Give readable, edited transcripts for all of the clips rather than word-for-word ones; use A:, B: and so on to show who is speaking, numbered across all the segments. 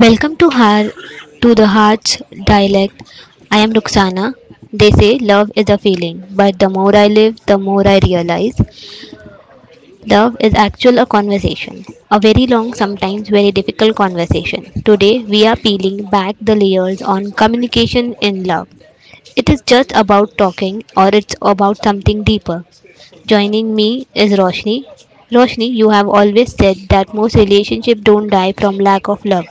A: Welcome to Har to the Heart's dialect. I am Ruxana. They say love is a feeling, but the more I live, the more I realize love is actual a conversation. A very long, sometimes very difficult conversation. Today we are peeling back the layers on communication in love. It is just about talking or it's about something deeper. Joining me is Roshni. Roshni, you have always said that most relationships don't die from lack of love,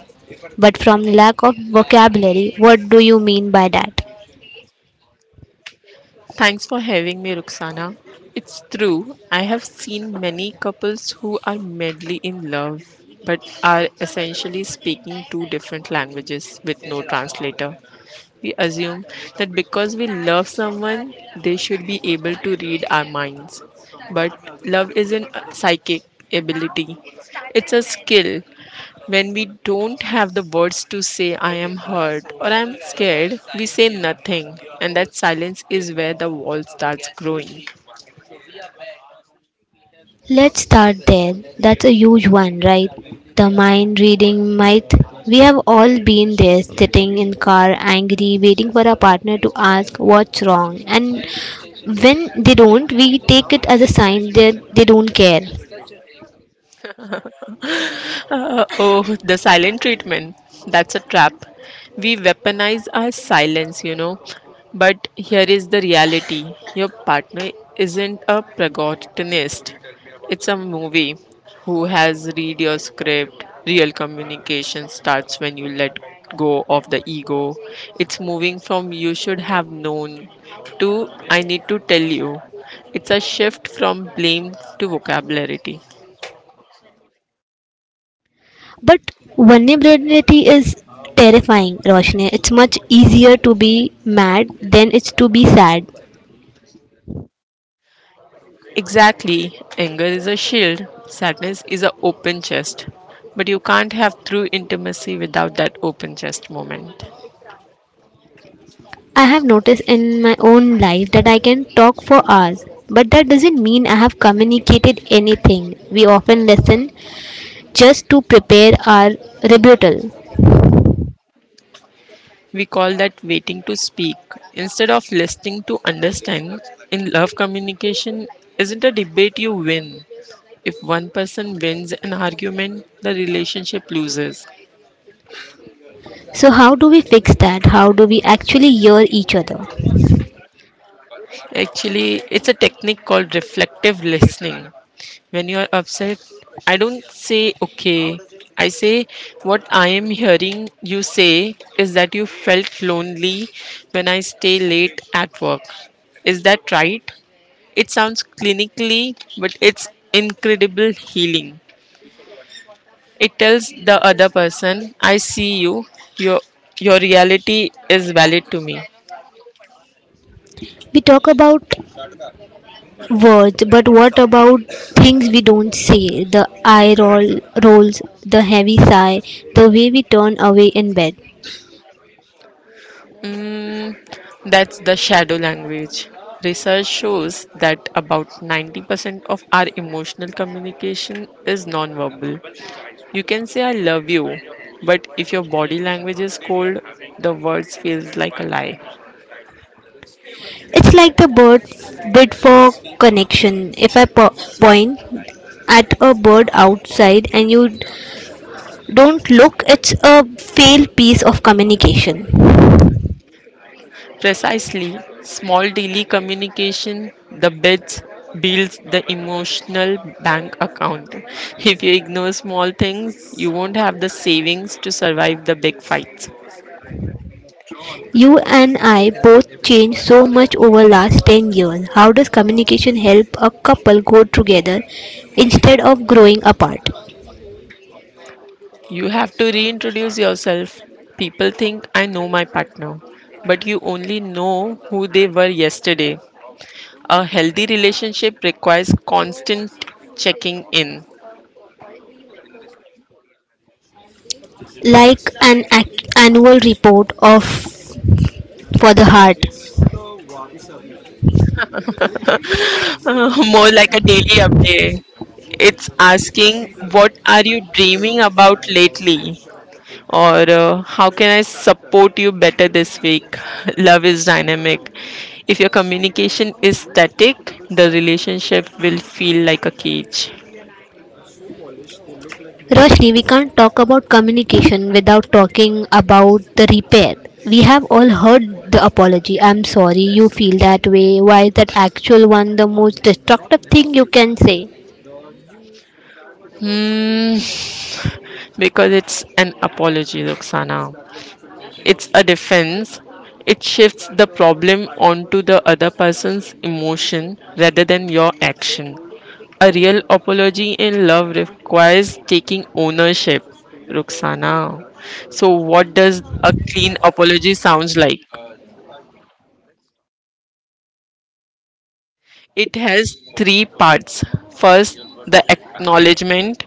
A: but from lack of vocabulary. What do you mean by that?
B: Thanks for having me, Ruxana. It's true, I have seen many couples who are madly in love but are essentially speaking two different languages with no translator. We assume that because we love someone, they should be able to read our minds. But love isn't a psychic ability, it's a skill. When we don't have the words to say, I am hurt or I am scared, we say nothing, and that silence is where the wall starts growing.
A: Let's start there. That's a huge one, right? The mind reading myth. We have all been there, sitting in car, angry, waiting for our partner to ask what's wrong, and when they don't, we take it as a sign that they don't care.
B: Oh, the silent treatment. That's a trap. We weaponize our silence. But here is the reality, your partner isn't a protagonist, it's a movie who has read your script. Real communication starts when you let go of the ego. It's moving from you should have known to I need to tell you. It's a shift from blame to vocabulary.
A: But vulnerability is terrifying, Roshni. It's much easier to be mad than it's to be sad.
B: Exactly. Anger is a shield, sadness is an open chest. But you can't have true intimacy without that open chest moment.
A: I have noticed in my own life that I can talk for hours, but that doesn't mean I have communicated anything. We often listen just to prepare our rebuttal.
B: We call that waiting to speak. Instead of listening to understand, in love communication isn't a debate you win. If one person wins an argument, the relationship loses.
A: So, how do we fix that? How do we actually hear each other?
B: Actually, it's a technique called reflective listening. When you are upset, I don't say okay. I say what I am hearing you say is that you felt lonely when I stay late at work. Is that right? It sounds clinically, but it's incredible healing. It tells the other person, I see you, your your reality is valid to me.
A: We talk about words, but what about things we don't say? The eye roll rolls, the heavy sigh, the way we turn away in bed.
B: Mm, that's the shadow language. Research shows that about 90% of our emotional communication is nonverbal. You can say, I love you, but if your body language is cold, the words feels like a lie.
A: It's like the bird bid for connection. If I point at a bird outside and you don't look, it's a failed piece of communication.
B: Precisely, small daily communication, the bits builds the emotional bank account. If you ignore small things, you won't have the savings to survive the big fights.
A: You and I both changed so much over last 10 years. How does communication help a couple grow together instead of growing apart?
B: You have to reintroduce yourself. People think I know my partner, but you only know who they were yesterday. A healthy relationship requires constant checking in,
A: Like an annual report of for the heart.
B: more like a daily update. It's asking, what are you dreaming about lately? Or How can I support you better this week? Love is dynamic. If your communication is static, the relationship will feel like a cage.
A: Roshni, we can't talk about communication without talking about the repair. We have all heard the apology. I'm sorry you feel that way. Why is that actual one the most destructive thing you can say?
B: Hmm, because it's an apology, Roxana. It's a defense. It shifts the problem onto the other person's emotion rather than your action. A real apology in love requires taking ownership, Roxana. So, what does a clean apology sounds like? It has three parts. First, the acknowledgement.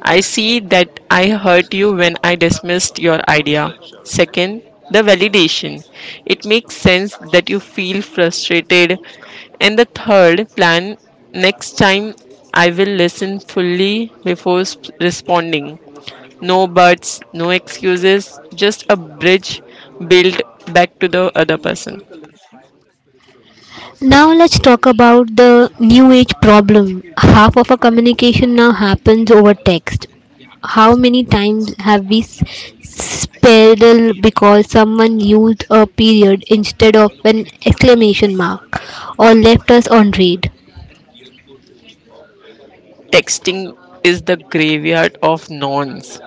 B: I see that I hurt you when I dismissed your idea. Second, the validation. It makes sense that you feel frustrated. And the third plan, next time I will listen fully before responding. No buts, no excuses, just a bridge built back to the other person.
A: Now let's talk about the new age problem. Half of our communication now happens over text. How many times have we spelled because someone used a period instead of an exclamation mark or left us on read?
B: Texting is the graveyard of nonce.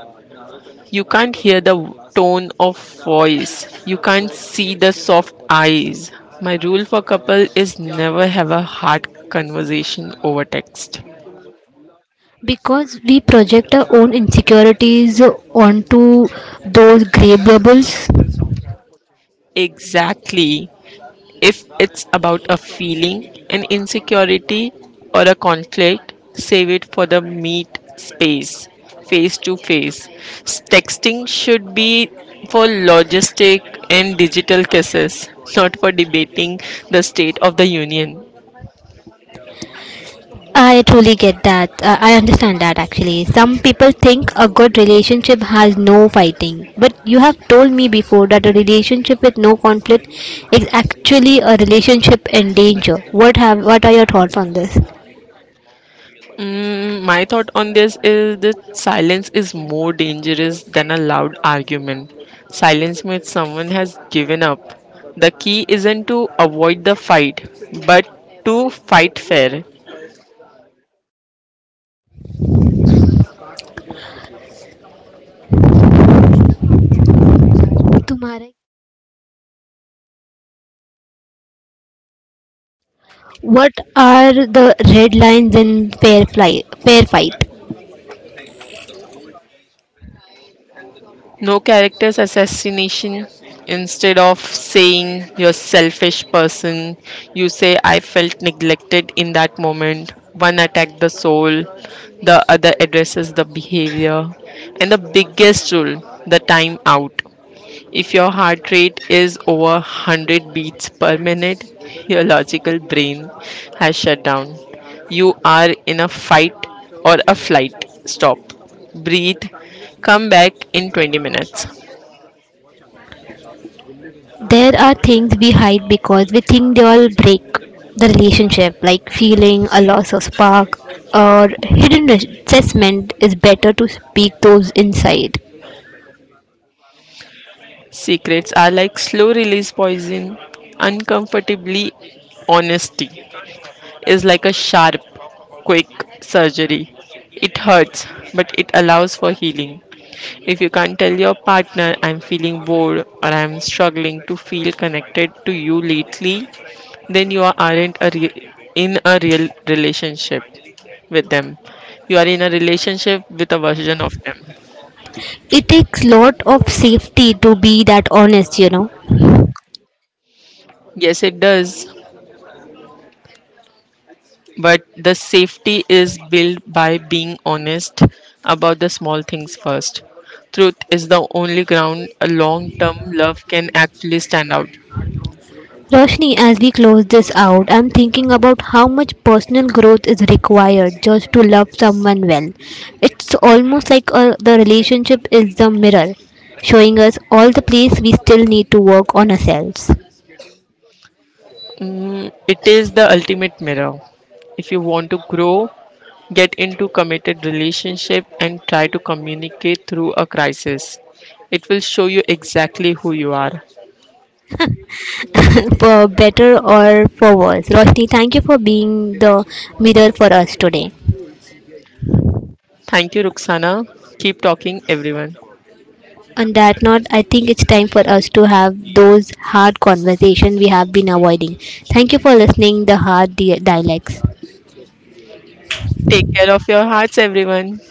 B: You can't hear the tone of voice, you can't see the soft eyes. My rule for couple is never have a hard conversation over text.
A: Because we project our own insecurities onto those grey bubbles.
B: Exactly. If it's about a feeling, an insecurity, or a conflict, save it for the meet space, face to face. Texting should be for logistic and digital kisses, not for debating the state of the union.
A: I truly get that. I understand that actually. Some people think a good relationship has no fighting. But you have told me before that a relationship with no conflict is actually a relationship in danger. What are your thoughts on this?
B: Mm, my thought on this is that silence is more dangerous than a loud argument. Silence means someone has given up. The key isn't to avoid the fight, but to fight fair.
A: तुम्हारे- What are the red lines in fair fight?
B: No character's assassination. Instead of saying you're selfish person, you say I felt neglected in that moment. One attacked the soul, the other addresses the behavior. And the biggest rule, the time out. If your heart rate is over 100 beats per minute, your logical brain has shut down. You are in a fight or a flight. Stop. Breathe. Come back in 20 minutes.
A: There are things we hide because we think they will break the relationship, like feeling a loss of spark or hidden resentment. Is better to speak those inside?
B: Secrets are like slow release poison, uncomfortably honesty. Is like a sharp, quick surgery. It hurts, but it allows for healing. If you can't tell your partner, I'm feeling bored or I'm struggling to feel connected to you lately, then you aren't a in a real relationship with them. You are in a relationship with a version of them.
A: It takes lot of safety to be that honest, you know.
B: Yes, it does. But the safety is built by being honest about the small things first. Truth is the only ground a long term love can actually stand out.
A: Roshni, as we close this out, I'm thinking about how much personal growth is required just to love someone well. It's almost like the relationship is the mirror, showing us all the place we still need to work on ourselves.
B: Mm, it is the ultimate mirror. If you want to grow, get into committed relationship and try to communicate through a crisis. It will show you exactly who you are.
A: For better or for worse. Roshni, thank you for being the mirror for us today.
B: Thank you, Ruxana. Keep talking, everyone.
A: On that note, I think it's time for us to have those hard conversations we have been avoiding. Thank you for listening, the hard dialects.
B: Take care of your hearts, everyone.